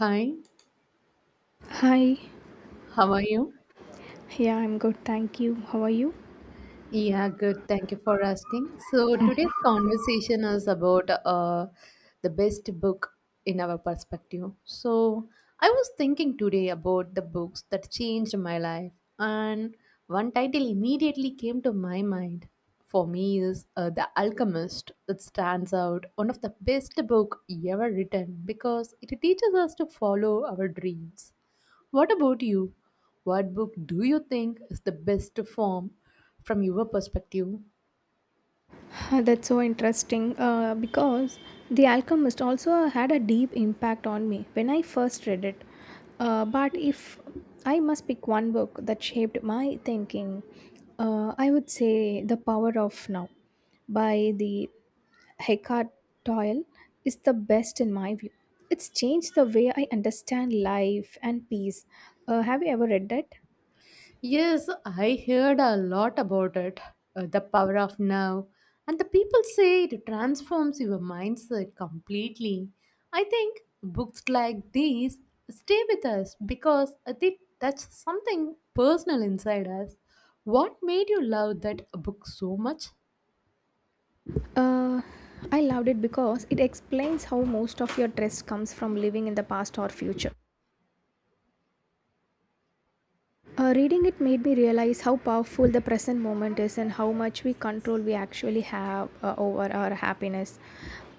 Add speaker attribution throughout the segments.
Speaker 1: Hi,
Speaker 2: Hi,
Speaker 1: how are you?
Speaker 2: yeah, I'm good, thank you. How are you?
Speaker 1: Yeah, good. Thank you for asking. So today's conversation is about the best book in our perspective. So I was thinking today about the books that changed my life, and one title immediately came to my mind. For me, is The Alchemist. It stands out one of the best book ever written because it teaches us to follow our dreams. What about you? What book do you think is the best form from your perspective?
Speaker 2: That's so interesting because The Alchemist also had a deep impact on me when I first read it. But if I must pick one book that shaped my thinking, I would say The Power of Now by the Eckhart Toyle is the best in my view. It's changed the way I understand life and peace. Have you ever read that?
Speaker 1: Yes, I heard a lot about it. The power of now. And the people say it transforms your mindset completely. I think books like these stay with us because they touch something personal inside us. What made you love that book so much?
Speaker 2: Uh, I loved it because it explains how most of your stress comes from living in the past or future. Reading it made me realize how powerful the present moment is and how much we control we actually have over our happiness.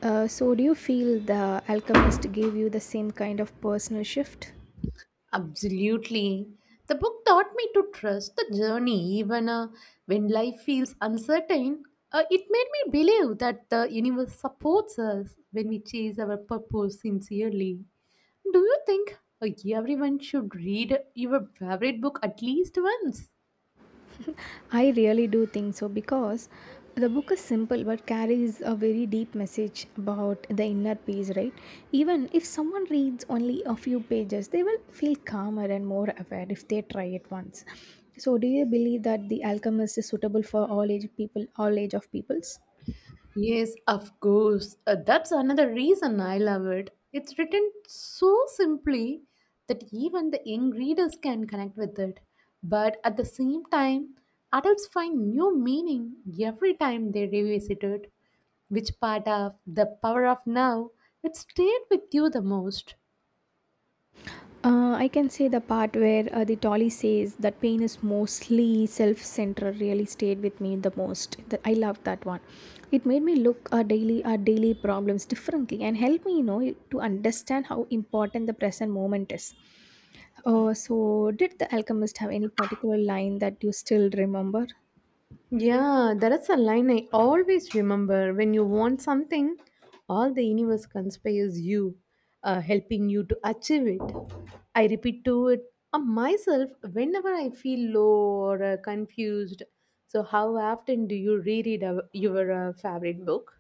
Speaker 2: So, do you feel The Alchemist gave you the same kind of personal shift?
Speaker 1: Absolutely. The book taught me to trust the journey even when life feels uncertain. It made me believe that the universe supports us when we chase our purpose sincerely. Do you think everyone should read your favorite book at least once?
Speaker 2: I really do think so because the book is simple but carries a very deep message about the inner peace, right? Even if someone reads only a few pages, they will feel calmer and more aware if they try it once. So, do you believe that The Alchemist is suitable for all age people, all age of peoples?
Speaker 1: Yes, of course. That's another reason I love it. It's written so simply that even the young readers can connect with it. But at the same time, adults find new meaning every time they revisit it. Which part of the power of now it stayed with you the most?
Speaker 2: I can say the part where the Tolly says that pain is mostly self centered really stayed with me the most. That I loved that one. It made me look our daily problems differently and helped me, you know, to understand how important the present moment is. So, did the alchemist have any particular line that you still remember?
Speaker 1: Yeah, that's a line I always remember. When you want something, all the universe conspires you, helping you to achieve it. I repeat to it myself whenever I feel low or confused. So, how often do you reread your favorite book?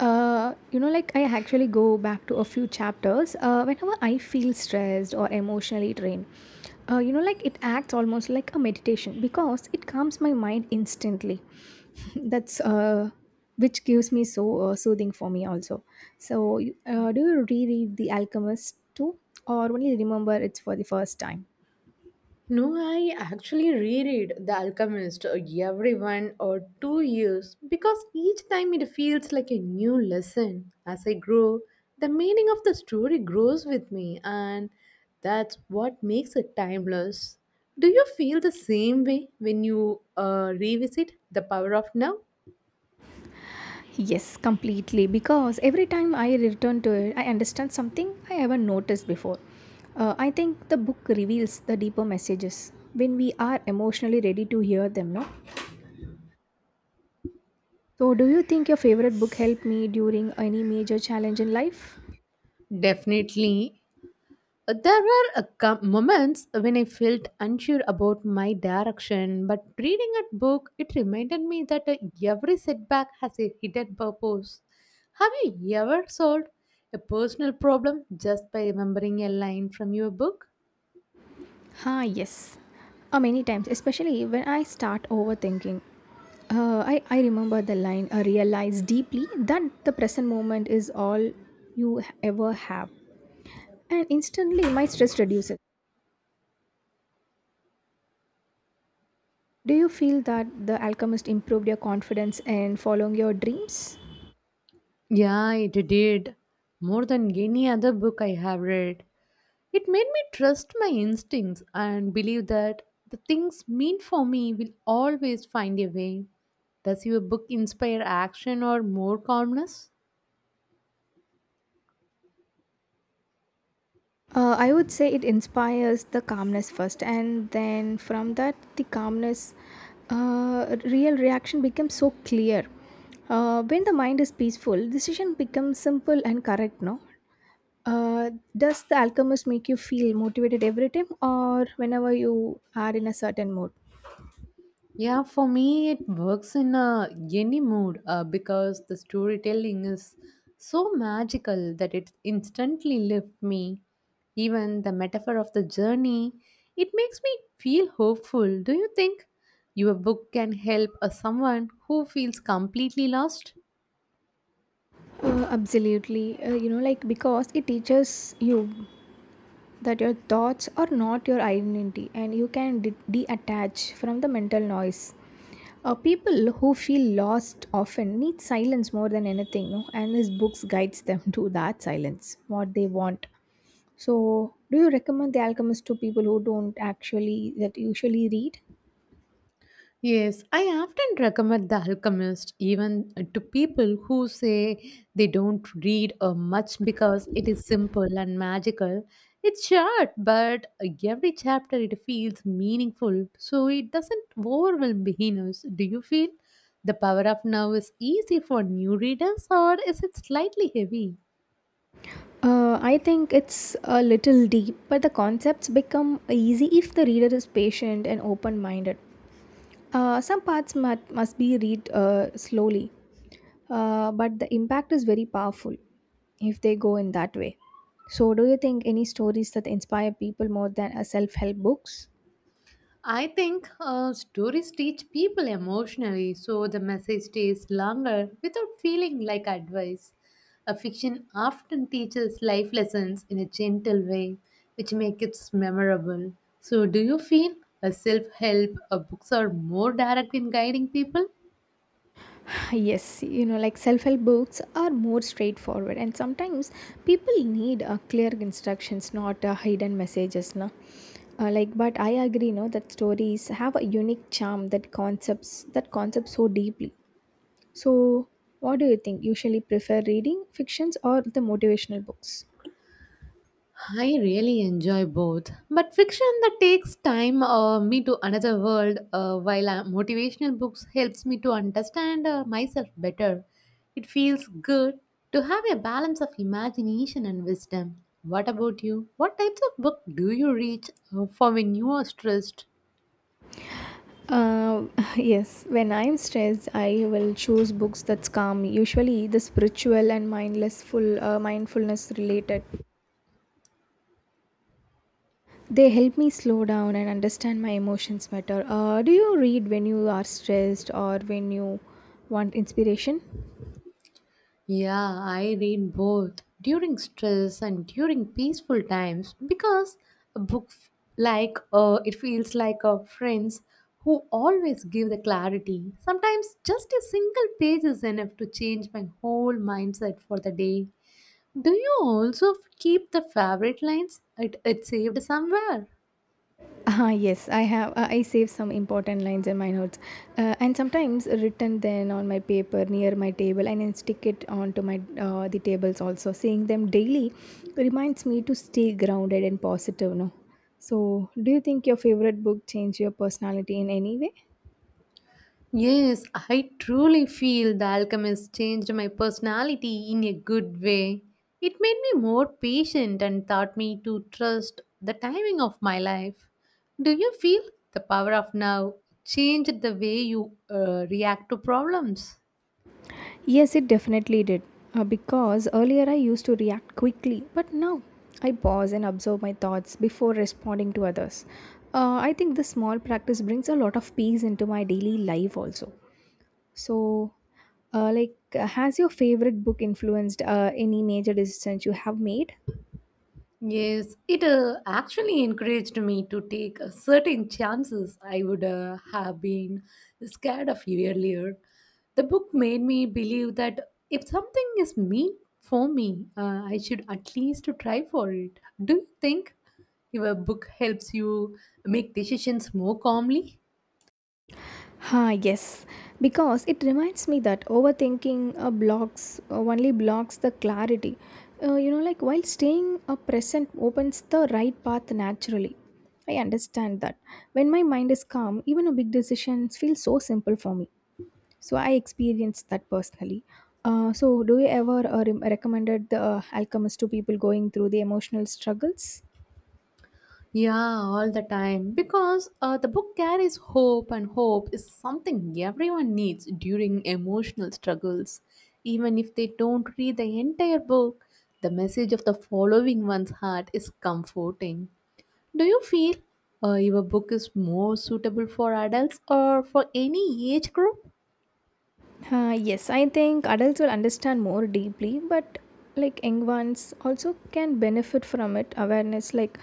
Speaker 2: I actually go back to a few chapters whenever I feel stressed or emotionally drained. It acts almost like a meditation because it calms my mind instantly. That's which gives me soothing for me also. So, do you reread The Alchemist too, or only remember it's for the first time?
Speaker 1: No, I actually reread The Alchemist every 1 or 2 years because each time it feels like a new lesson. As I grow, the meaning of the story grows with me, and that's what makes it timeless. Do you feel the same way when you revisit The Power of Now?
Speaker 2: Yes, completely. Because every time I return to it, I understand something I haven't noticed before. I think the book reveals the deeper messages when we are emotionally ready to hear them, no? So, do you think your favorite book helped me during any major challenge in life?
Speaker 1: Definitely. There were moments when I felt unsure about my direction, but reading a book, it reminded me that every setback has a hidden purpose. Have you ever solved a personal problem just by remembering a line from your book?
Speaker 2: Ah, yes. Many times, especially when I start overthinking. I remember the line, I realize deeply that the present moment is all you ever have. And instantly, my stress reduces. Do you feel that The Alchemist improved your confidence in following your dreams?
Speaker 1: Yeah, it did. More than any other book I have read. It made me trust my instincts and believe that the things meant for me will always find a way. Does your book inspire action or more calmness?
Speaker 2: I would say it inspires the calmness first, and then from that, the calmness, real reaction becomes so clear. When the mind is peaceful, decision becomes simple and correct. No, uh, does the alchemist make you feel motivated every time, or whenever you are in a certain mood?
Speaker 1: Yeah, for me, it works in any mood because the storytelling is so magical that it instantly lifts me. Even the metaphor of the journey, it makes me feel hopeful. Do you think your book can help someone who feels completely lost?
Speaker 2: Absolutely. Because it teaches you that your thoughts are not your identity and you can detach from the mental noise. People who feel lost often need silence more than anything, no? And his books guides them to that silence, what they want. So, do you recommend The Alchemist to people who don't actually that usually read?
Speaker 1: Yes, I often recommend The Alchemist even to people who say they don't read much because it is simple and magical. It's short, but every chapter it feels meaningful, so it doesn't overwhelm beginners. Do you feel The Power of Now is easy for new readers or is it slightly heavy?
Speaker 2: I think it's a little deep, but the concepts become easy if the reader is patient and open minded. Some parts must be read slowly, but the impact is very powerful if they go in that way. So, do you think any stories that inspire people more than a self help books?
Speaker 1: I think stories teach people emotionally, so the message stays longer without feeling like advice. A fiction often teaches life lessons in a gentle way, which make it memorable. So, do you feel a self-help books are more direct in guiding people?
Speaker 2: Yes, you know, like self help books are more straightforward, and sometimes people need clear instructions, not hidden messages. Na? Like, but I agree, no, that stories have a unique charm that concept so deeply. So, what do you think? Usually prefer reading fictions or the motivational books?
Speaker 1: I really enjoy both, but fiction that takes time me to another world, while motivational books helps me to understand myself better. It feels good to have a balance of imagination and wisdom. What about you? What types of book do you read for when you are stressed?
Speaker 2: Uh, yes, when I'm stressed, I will choose books that's calm. Usually, the spiritual and mindless full mindfulness related. They help me slow down and understand my emotions better. Do you read when you are stressed or when you want inspiration?
Speaker 1: Yeah, I read both during stress and during peaceful times because a book f- like it feels like a friends who always give the clarity. Sometimes just a single page is enough to change my whole mindset for the day. Do you also keep the favorite lines? It saved somewhere.
Speaker 2: Ah yes, I have. I save some important lines in my notes, and sometimes written then on my paper near my table, and then stick it onto my the tables also. Seeing them daily reminds me to stay grounded and positive. No, so do you think your favorite book changed your personality in any way?
Speaker 1: Yes, I truly feel The Alchemist changed my personality in a good way. It made me more patient and taught me to trust the timing of my life. Do you feel the power of now changed the way you react to problems?
Speaker 2: Yes, it definitely did. Because earlier I used to react quickly, but now I pause and observe my thoughts before responding to others. I think this small practice brings a lot of peace into my daily life also. So, has your favorite book influenced any major decisions you have made?
Speaker 1: Yes, it actually encouraged me to take certain chances I would have been scared of earlier. The book made me believe that if something is meant for me, I should at least try for it. Do you think your book helps you make decisions more calmly?
Speaker 2: Ha, yes, because it reminds me that overthinking blocks only blocks the clarity. While staying present opens the right path naturally. I understand that. When my mind is calm, even a big decision feels so simple for me. So I experienced that personally. So, do you ever recommended the alchemist to people going through the emotional struggles?
Speaker 1: Yeah, all the time. Because the book carries hope, and hope is something everyone needs during emotional struggles. Even if they don't read the entire book, the message of the following one's heart is comforting. Do you feel your book is more suitable for adults or for any age group?
Speaker 2: Yes, I think adults will understand more deeply, but like young ones also can benefit from it. Awareness, like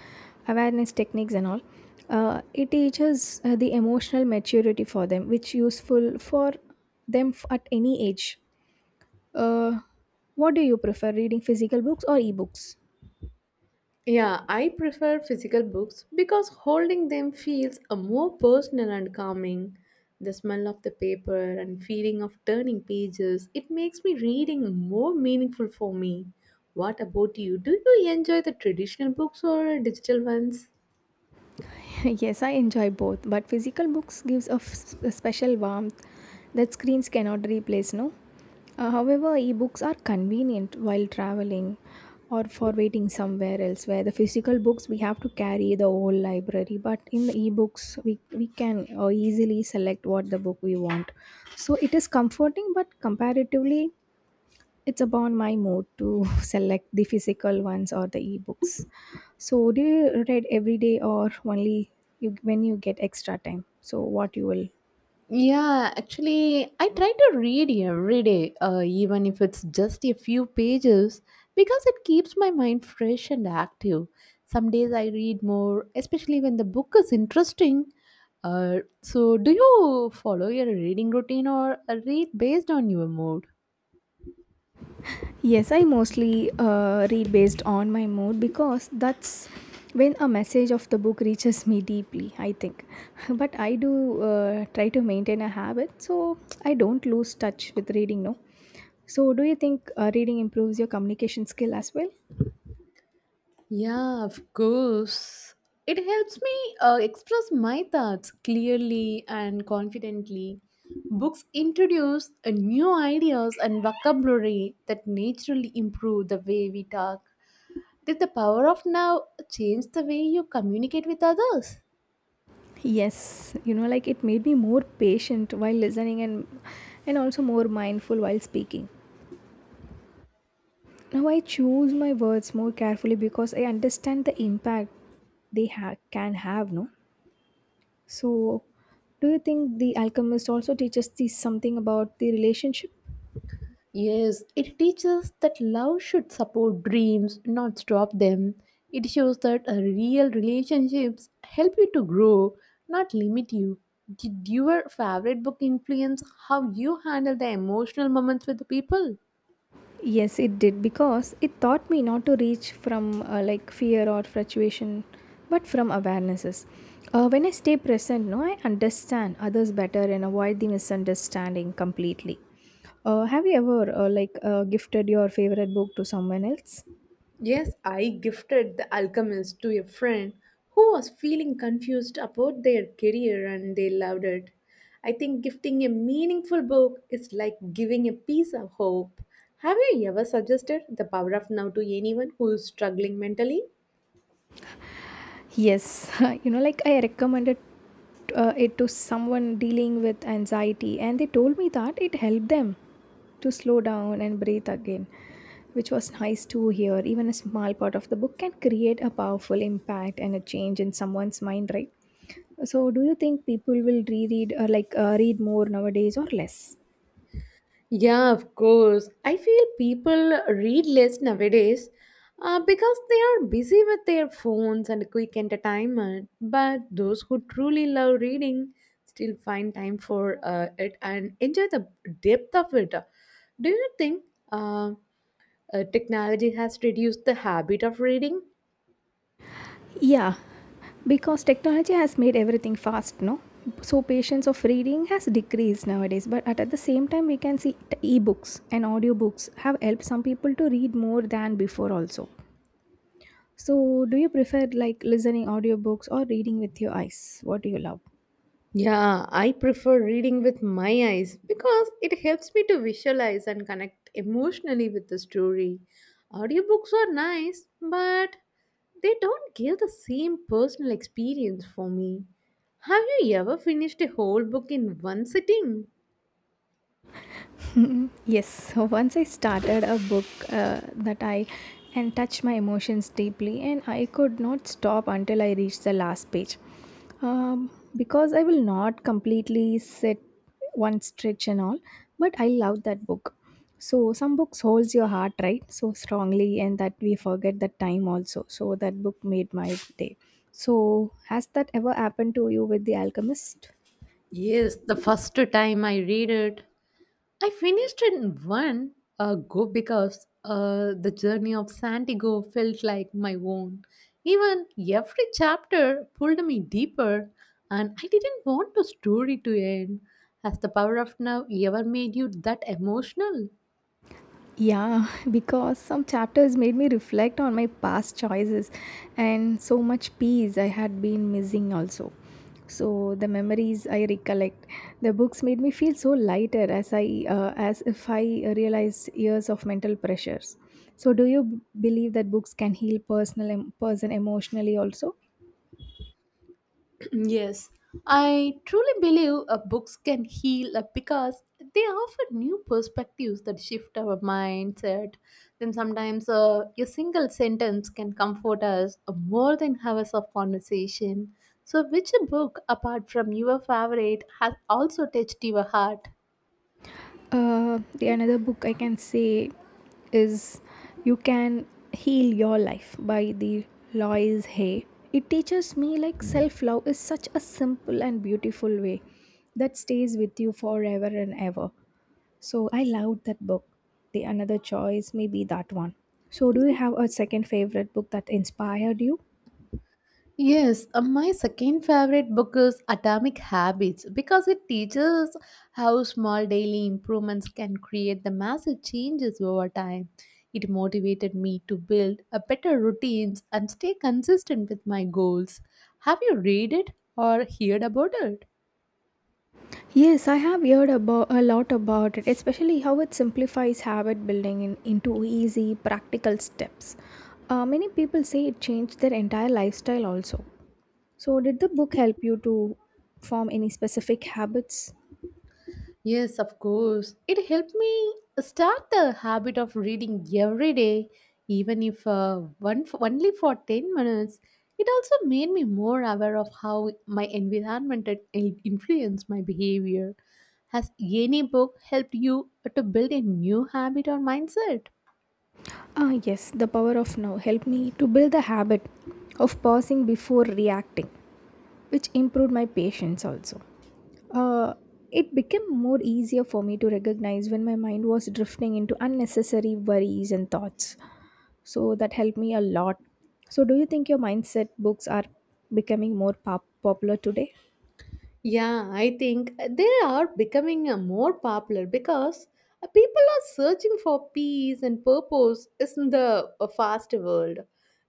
Speaker 2: awareness techniques and all, it teaches the emotional maturity for them, which useful for them at any age. Uh, what do you prefer, reading physical books or ebooks?
Speaker 1: Yeah, I prefer physical books because holding them feels a more personal and calming. The smell of the paper and feeling of turning pages, it makes me reading more meaningful for me. What about you? Do you enjoy the traditional books or digital ones?
Speaker 2: Yes, I enjoy both, but physical books gives a special warmth that screens cannot replace, no? However, ebooks are convenient while traveling or for waiting somewhere else, where the physical books we have to carry the whole library, but in the ebooks we can easily select what the book we want. So it is comforting, but comparatively, it's upon my mood to select the physical ones or the ebooks. So do you read every day or only you when you get extra time, so what you will?
Speaker 1: Yeah, actually, I try to read every day, even if it's just a few pages, because it keeps my mind fresh and active. Some days I read more, especially when the book is interesting. So, do you follow your reading routine or read based on your mood?
Speaker 2: Yes, I mostly read based on my mood, because that's when a message of the book reaches me deeply, I think. But I do try to maintain a habit so I don't lose touch with reading, no? So do you think reading improves your communication skill as well?
Speaker 1: Yeah, of course. It helps me express my thoughts clearly and confidently. Books introduce new ideas and vocabulary that naturally improve the way we talk. Did the power of now change the way you communicate with others?
Speaker 2: Yes, you know, like it made me more patient while listening and also more mindful while speaking. Now I choose my words more carefully because I understand the impact can have, no? So, do you think The Alchemist also teaches us something about the relationship?
Speaker 1: Yes, it teaches that love should support dreams, not stop them. It shows that real relationships help you to grow, not limit you. Did your favorite book influence how you handle the emotional moments with the people?
Speaker 2: Yes, it did because it taught me not to reach from like fear or fluctuation, but from awarenesses. When I stay present, no, I understand others better and avoid the misunderstanding completely. Have you ever gifted your favorite book to someone else?
Speaker 1: Yes, I gifted The Alchemist to a friend who was feeling confused about their career and they loved it. I think gifting a meaningful book is like giving a piece of hope. Have you ever suggested The Power of Now to anyone who is struggling mentally?
Speaker 2: Yes, you know, like, I recommended it to someone dealing with anxiety, and they told me that it helped them to slow down and breathe again, which was nice to hear. Even a small part of the book can create a powerful impact and a change in someone's mind, right? So, do you think people will reread or read more nowadays or less?
Speaker 1: Yeah, of course. I feel people read less nowadays because they are busy with their phones and quick entertainment. But those who truly love reading still find time for it and enjoy the depth of it. Do you think uh, technology has reduced the habit of reading?
Speaker 2: Yeah, because technology has made everything fast, no? So patience of reading has decreased nowadays. But at the same time, we can see e-books and audiobooks have helped some people to read more than before also. So do you prefer like listening audiobooks or reading with your eyes? What do you love?
Speaker 1: Yeah, I prefer reading with my eyes because it helps me to visualize and connect emotionally with the story. Audiobooks are nice, but they don't give the same personal experience for me. Have you ever finished a whole book in one sitting?
Speaker 2: Yes, so once I started a book that I and touched my emotions deeply, and I could not stop until I reached the last page. Um, because I will not completely sit one stretch and all, but I love that book. So some books holds your heart right so strongly, and that we forget the time also. So that book made my day. So has that ever happened to you with The Alchemist?
Speaker 1: Yes, the first time I read it, I finished in one go because the journey of Santiago felt like my own. Even every chapter pulled me deeper, and I didn't want the story to end. Has the power of now ever made you that emotional?
Speaker 2: Yeah, because some chapters made me reflect on my past choices, and so much peace I had been missing also. So the memories I recollect, the books made me feel so lighter as I as if I realized years of mental pressures. So do you believe that books can heal person emotionally also?
Speaker 1: Yes, I truly believe books can heal because they offer new perspectives that shift our mindset. Then sometimes a single sentence can comfort us more than hours of conversation. So, which book, apart from your favorite, has also touched your heart?
Speaker 2: The another book I can say is You Can Heal Your Life by the Lois Hay. It teaches me like self love is such a simple and beautiful way that stays with you forever and ever. So I loved that book. The another choice may be that one. So do you have a second favorite book that inspired you?
Speaker 1: Yes, my second favorite book is Atomic Habits because it teaches how small daily improvements can create the massive changes over time. It motivated me to build a better routines and stay consistent with my goals. Have you read it or heard about it?
Speaker 2: Yes, I have heard about a lot about it, especially how it simplifies habit building into easy, practical steps. Many people say it changed their entire lifestyle also. So, did the book help you to form any specific habits?
Speaker 1: Yes, of course. It helped me start the habit of reading every day, even if one only for 10 minutes. It also made me more aware of how my influenced my behavior. Has any book helped you to build a new habit or mindset?
Speaker 2: Ah, yes, The Power of Now helped me to build the habit of pausing before reacting, which improved my patience also. Uh, it became more easier for me to recognize when my mind was drifting into unnecessary worries and thoughts. So that helped me a lot. So do you think your mindset books are becoming more popular today?
Speaker 1: Yeah, I think they are becoming more popular because people are searching for peace and purpose in the fast world.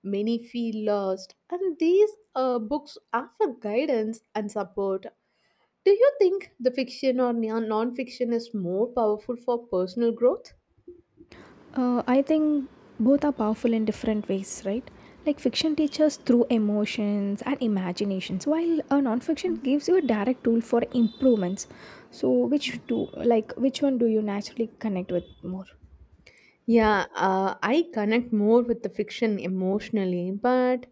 Speaker 1: Many feel lost, and these books offer guidance and support. Do you think the fiction or non fiction is more powerful for personal growth?
Speaker 2: I think both are powerful in different ways, right? Like fiction teaches through emotions and imaginations, while a nonfiction gives you a direct tool for improvements. So which do which one do you naturally connect with more?
Speaker 1: Yeah, I connect more with the fiction emotionally, but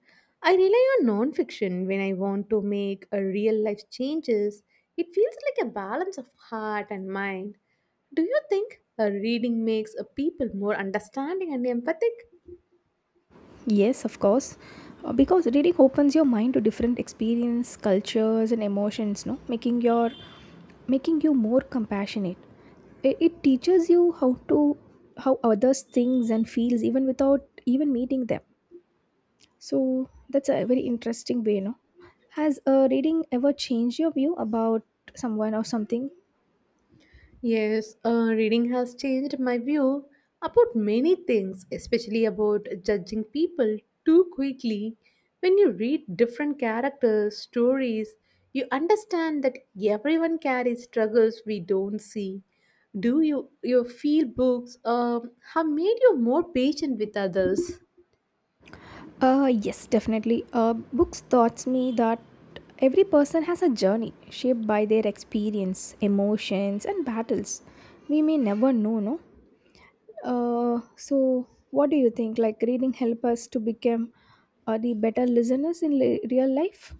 Speaker 1: I rely on non-fiction when I want to make a real life changes. It feels like a balance of heart and mind. Do you think a reading makes a people more understanding and empathic?
Speaker 2: Yes, of course. Because reading opens your mind to different experience, cultures and emotions, no? Making your making you more compassionate. It teaches you how others thinks and feels even without even meeting them. So that's a very interesting way, no? Has reading ever changed your view about someone or something?
Speaker 1: Yes, reading has changed my view about many things, especially about judging people too quickly. When you read different characters' stories, you understand that everyone carries struggles we don't see. Do you your field books have made you more patient with others?
Speaker 2: Yes, definitely. Books taught me that every person has a journey shaped by their experience, emotions, and battles. We may never know, no? So, what do you think? Like, reading help us to become the better listeners in real life?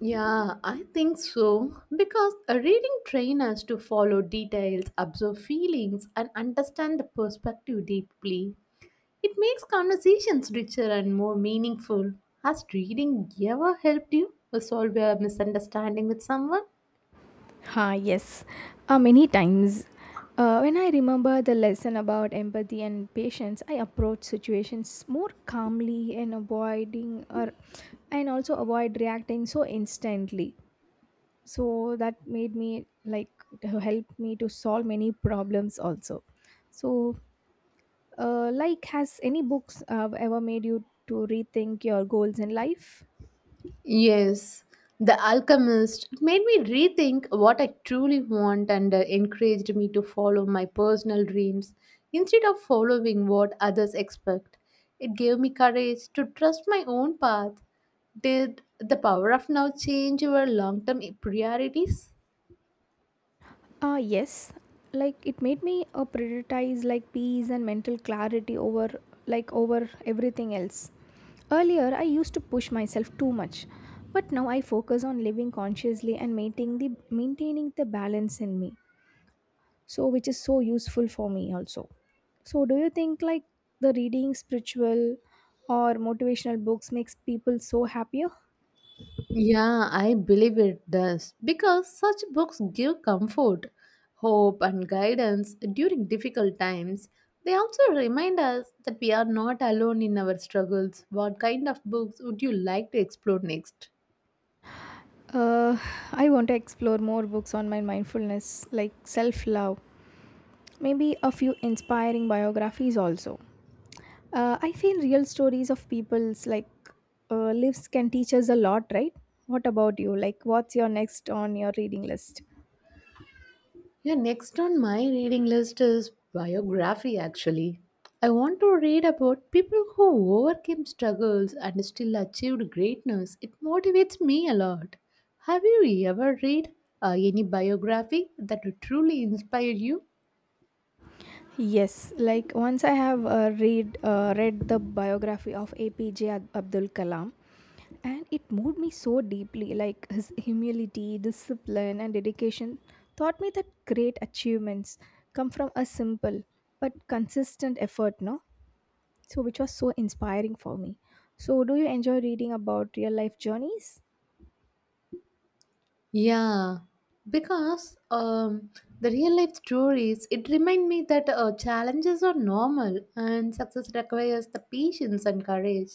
Speaker 1: Yeah, I think so. Because a reading trains us to follow details, observe feelings, and understand the perspective deeply. It makes conversations richer and more meaningful. Has reading ever helped you to solve a misunderstanding with someone?
Speaker 2: Ha, yes, many times. When I remember the lesson about empathy and patience, I approach situations more calmly and avoiding or and also avoid reacting so instantly. So that made me like to help me to solve many problems also. So, like, has any books ever made you to rethink your goals in life?
Speaker 1: Yes, The Alchemist made me rethink what I truly want and encouraged me to follow my personal dreams instead of following what others expect. It gave me courage to trust my own path. Did the power of now change your long term priorities?
Speaker 2: Ah, yes. Like it made me prioritize like peace and mental clarity over like over everything else. Earlier, I used to push myself too much, but now I focus on living consciously and maintaining the balance in me. So, which is so useful for me also. So, do you think like the reading spiritual or motivational books makes people so happier?
Speaker 1: Yeah, I believe it does because such books give comfort, hope, and guidance during difficult times. They also remind us that we are not alone in our struggles. What kind of books would you like to explore next?
Speaker 2: Uh, I want to explore more books on my mindfulness, like self love, maybe a few inspiring biographies also. I feel real stories of people's like lives can teach us a lot, right? What about you? Like, what's your next on your reading list?
Speaker 1: Yeah, next on my reading list is biography actually. I want to read about people who overcame struggles and still achieved greatness. It motivates me a lot. Have you ever read any biography that truly inspired you?
Speaker 2: Yes, like once I have read the biography of APJ Abdul Kalam, and it moved me so deeply. Like his humility, discipline and dedication taught me that great achievements come from a simple but consistent effort, no? So which was so inspiring for me. So do you enjoy reading about real life journeys?
Speaker 1: Yeah, because the real life stories it remind me that challenges are normal and success requires the patience and courage.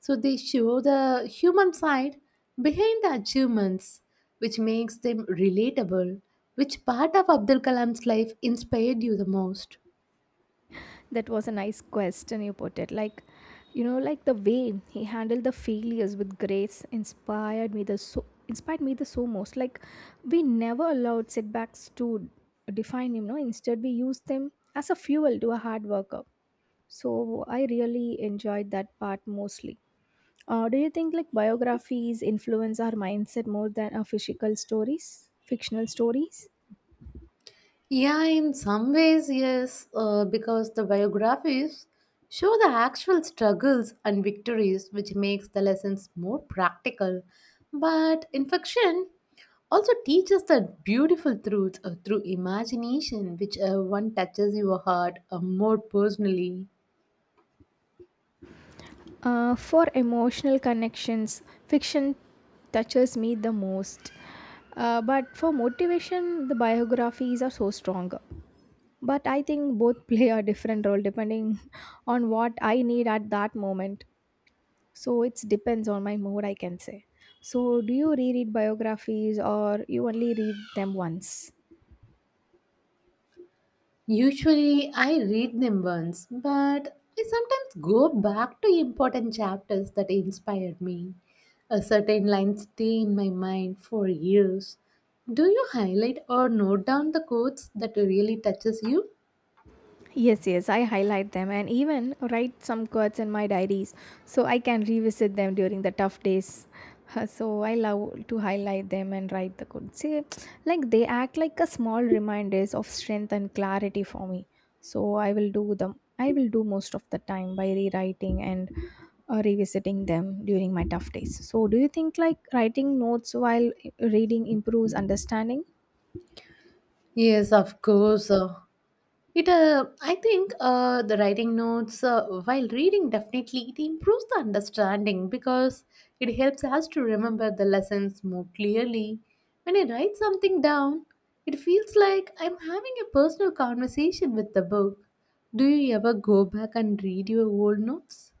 Speaker 1: So they show the human side behind the achievements, which makes them relatable. Which part of Abdul Kalam's life inspired you the most?
Speaker 2: That was a nice question you put it. Like, you know, like the way he handled the failures with grace inspired me the so most. Like, we never allowed setbacks to define him, no, instead we used them as a fuel to a hard worker. So I really enjoyed that part mostly. Do you think like biographies influence our mindset more than our physical stories fictional stories?
Speaker 1: Yeah, in some ways, yes, because the biographies show the actual struggles and victories, which makes the lessons more practical. But in fiction, also teaches the beautiful truth through imagination, which one touches your heart more personally.
Speaker 2: For emotional connections, fiction touches me the most. But for motivation, the biographies are so strong. But I think both play a different role depending on what I need at that moment. So it depends on my mood, I can say. So, do you reread biographies or you only read them once?
Speaker 1: Usually I read them once, but I sometimes go back to important chapters that inspired me. A certain line stay in my mind for years. Do you highlight or note down the quotes that really touches you?
Speaker 2: Yes, yes, I highlight them and even write some quotes in my diaries so I can revisit them during the tough days. So I love to highlight them and write the quotes. See, like they act like a small reminders of strength and clarity for me. So I will do them. I will do most of the time by rewriting and revisiting them during my tough days. So do you think like writing notes while reading improves understanding?
Speaker 1: Yes, of course. I think, the writing notes while reading definitely it improves the understanding because it helps us to remember the lessons more clearly. When I write something down, it feels like I'm having a personal conversation with the book. Do you ever go back and read your old notes?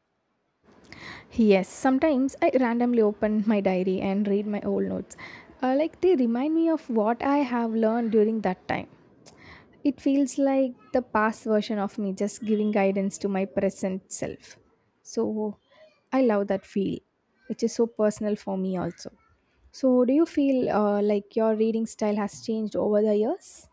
Speaker 2: Yes, sometimes I randomly open my diary and read my old notes. Like they remind me of what I have learned during that time. It feels like the past version of me just giving guidance to my present self. So I love that feel, which is so personal for me also. So do you feel like your reading style has changed over the years?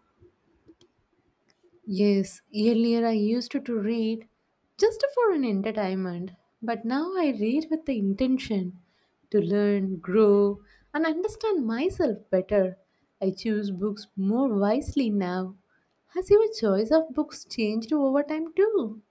Speaker 1: Yes, earlier I used to read just for an entertainment, but now I read with the intention to learn, grow, and understand myself better. I choose books more wisely now. Has your choice of books changed over time too?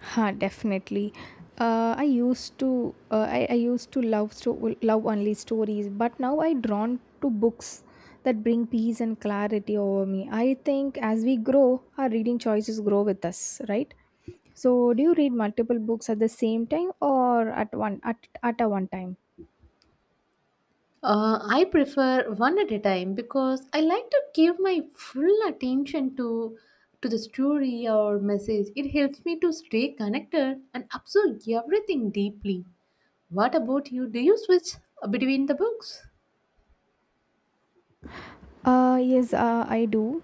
Speaker 2: Huh, definitely. I used to love love only stories, but now I drawn to books that bring peace and clarity over me. I think as we grow, our reading choices grow with us, right? So, do you read multiple books at the same time or at a one time?
Speaker 1: I prefer one at a time because I like to give my full attention to the story or message. It helps me to stay connected and absorb everything deeply. What about you? Do you switch between the books?
Speaker 2: Yes, I do.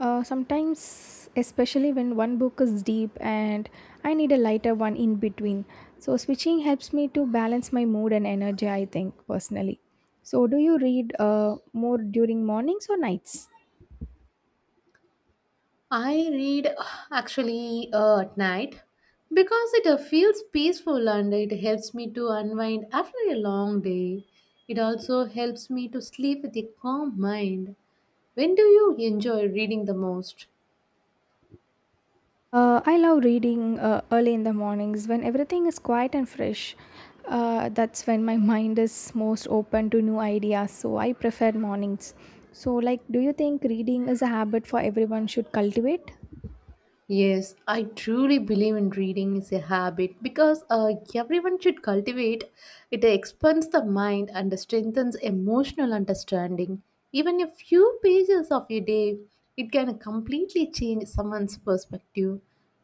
Speaker 2: Sometimes, especially when one book is deep and I need a lighter one in between. So, switching helps me to balance my mood and energy, I think, personally. So, do you read more during mornings or nights?
Speaker 1: I read actually at night because it feels peaceful and it helps me to unwind after a long day. It also helps me to sleep with a calm mind. When do you enjoy reading the most?
Speaker 2: I love reading early in the mornings when everything is quiet and fresh. That's when my mind is most open to new ideas, so I prefer mornings. So, like, do you think reading is a habit for everyone should cultivate?
Speaker 1: Yes, I truly believe in reading is a habit because everyone should cultivate. It expands the mind and strengthens emotional understanding. Even a few pages of a day, it can completely change someone's perspective.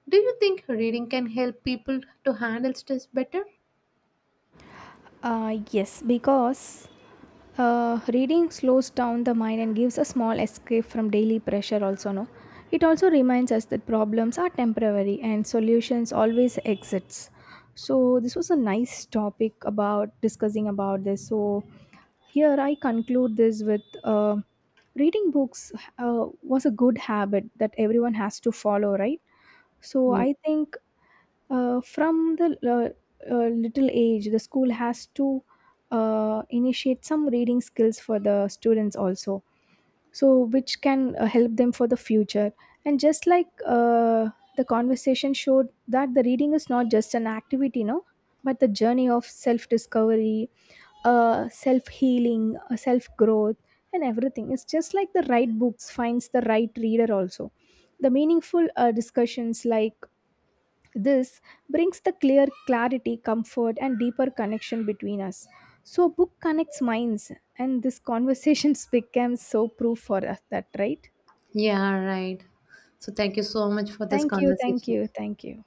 Speaker 1: Do you think reading can help people to handle stress better?
Speaker 2: Yes, because reading slows down the mind and gives a small escape from daily pressure also, no? It also reminds us that problems are temporary and solutions always exits. So this was a nice topic about discussing about this. So here I conclude this with reading books was a good habit that everyone has to follow, right? So
Speaker 1: Yeah,
Speaker 2: I think from the little age, the school has to initiate some reading skills for the students also, so which can help them for the future. And just like the conversation showed, that the reading is not just an activity, no, but the journey of self discovery, self healing, self growth, and everything. It's just like the right books finds the right reader also. The meaningful discussions like this brings the clear clarity, comfort, and deeper connection between us. So, book connects minds, and this conversations becomes so proof for us, that, right?
Speaker 1: yeah right. So, thank you so much for this
Speaker 2: Thank you, thank
Speaker 1: conversation.
Speaker 2: you, thank you.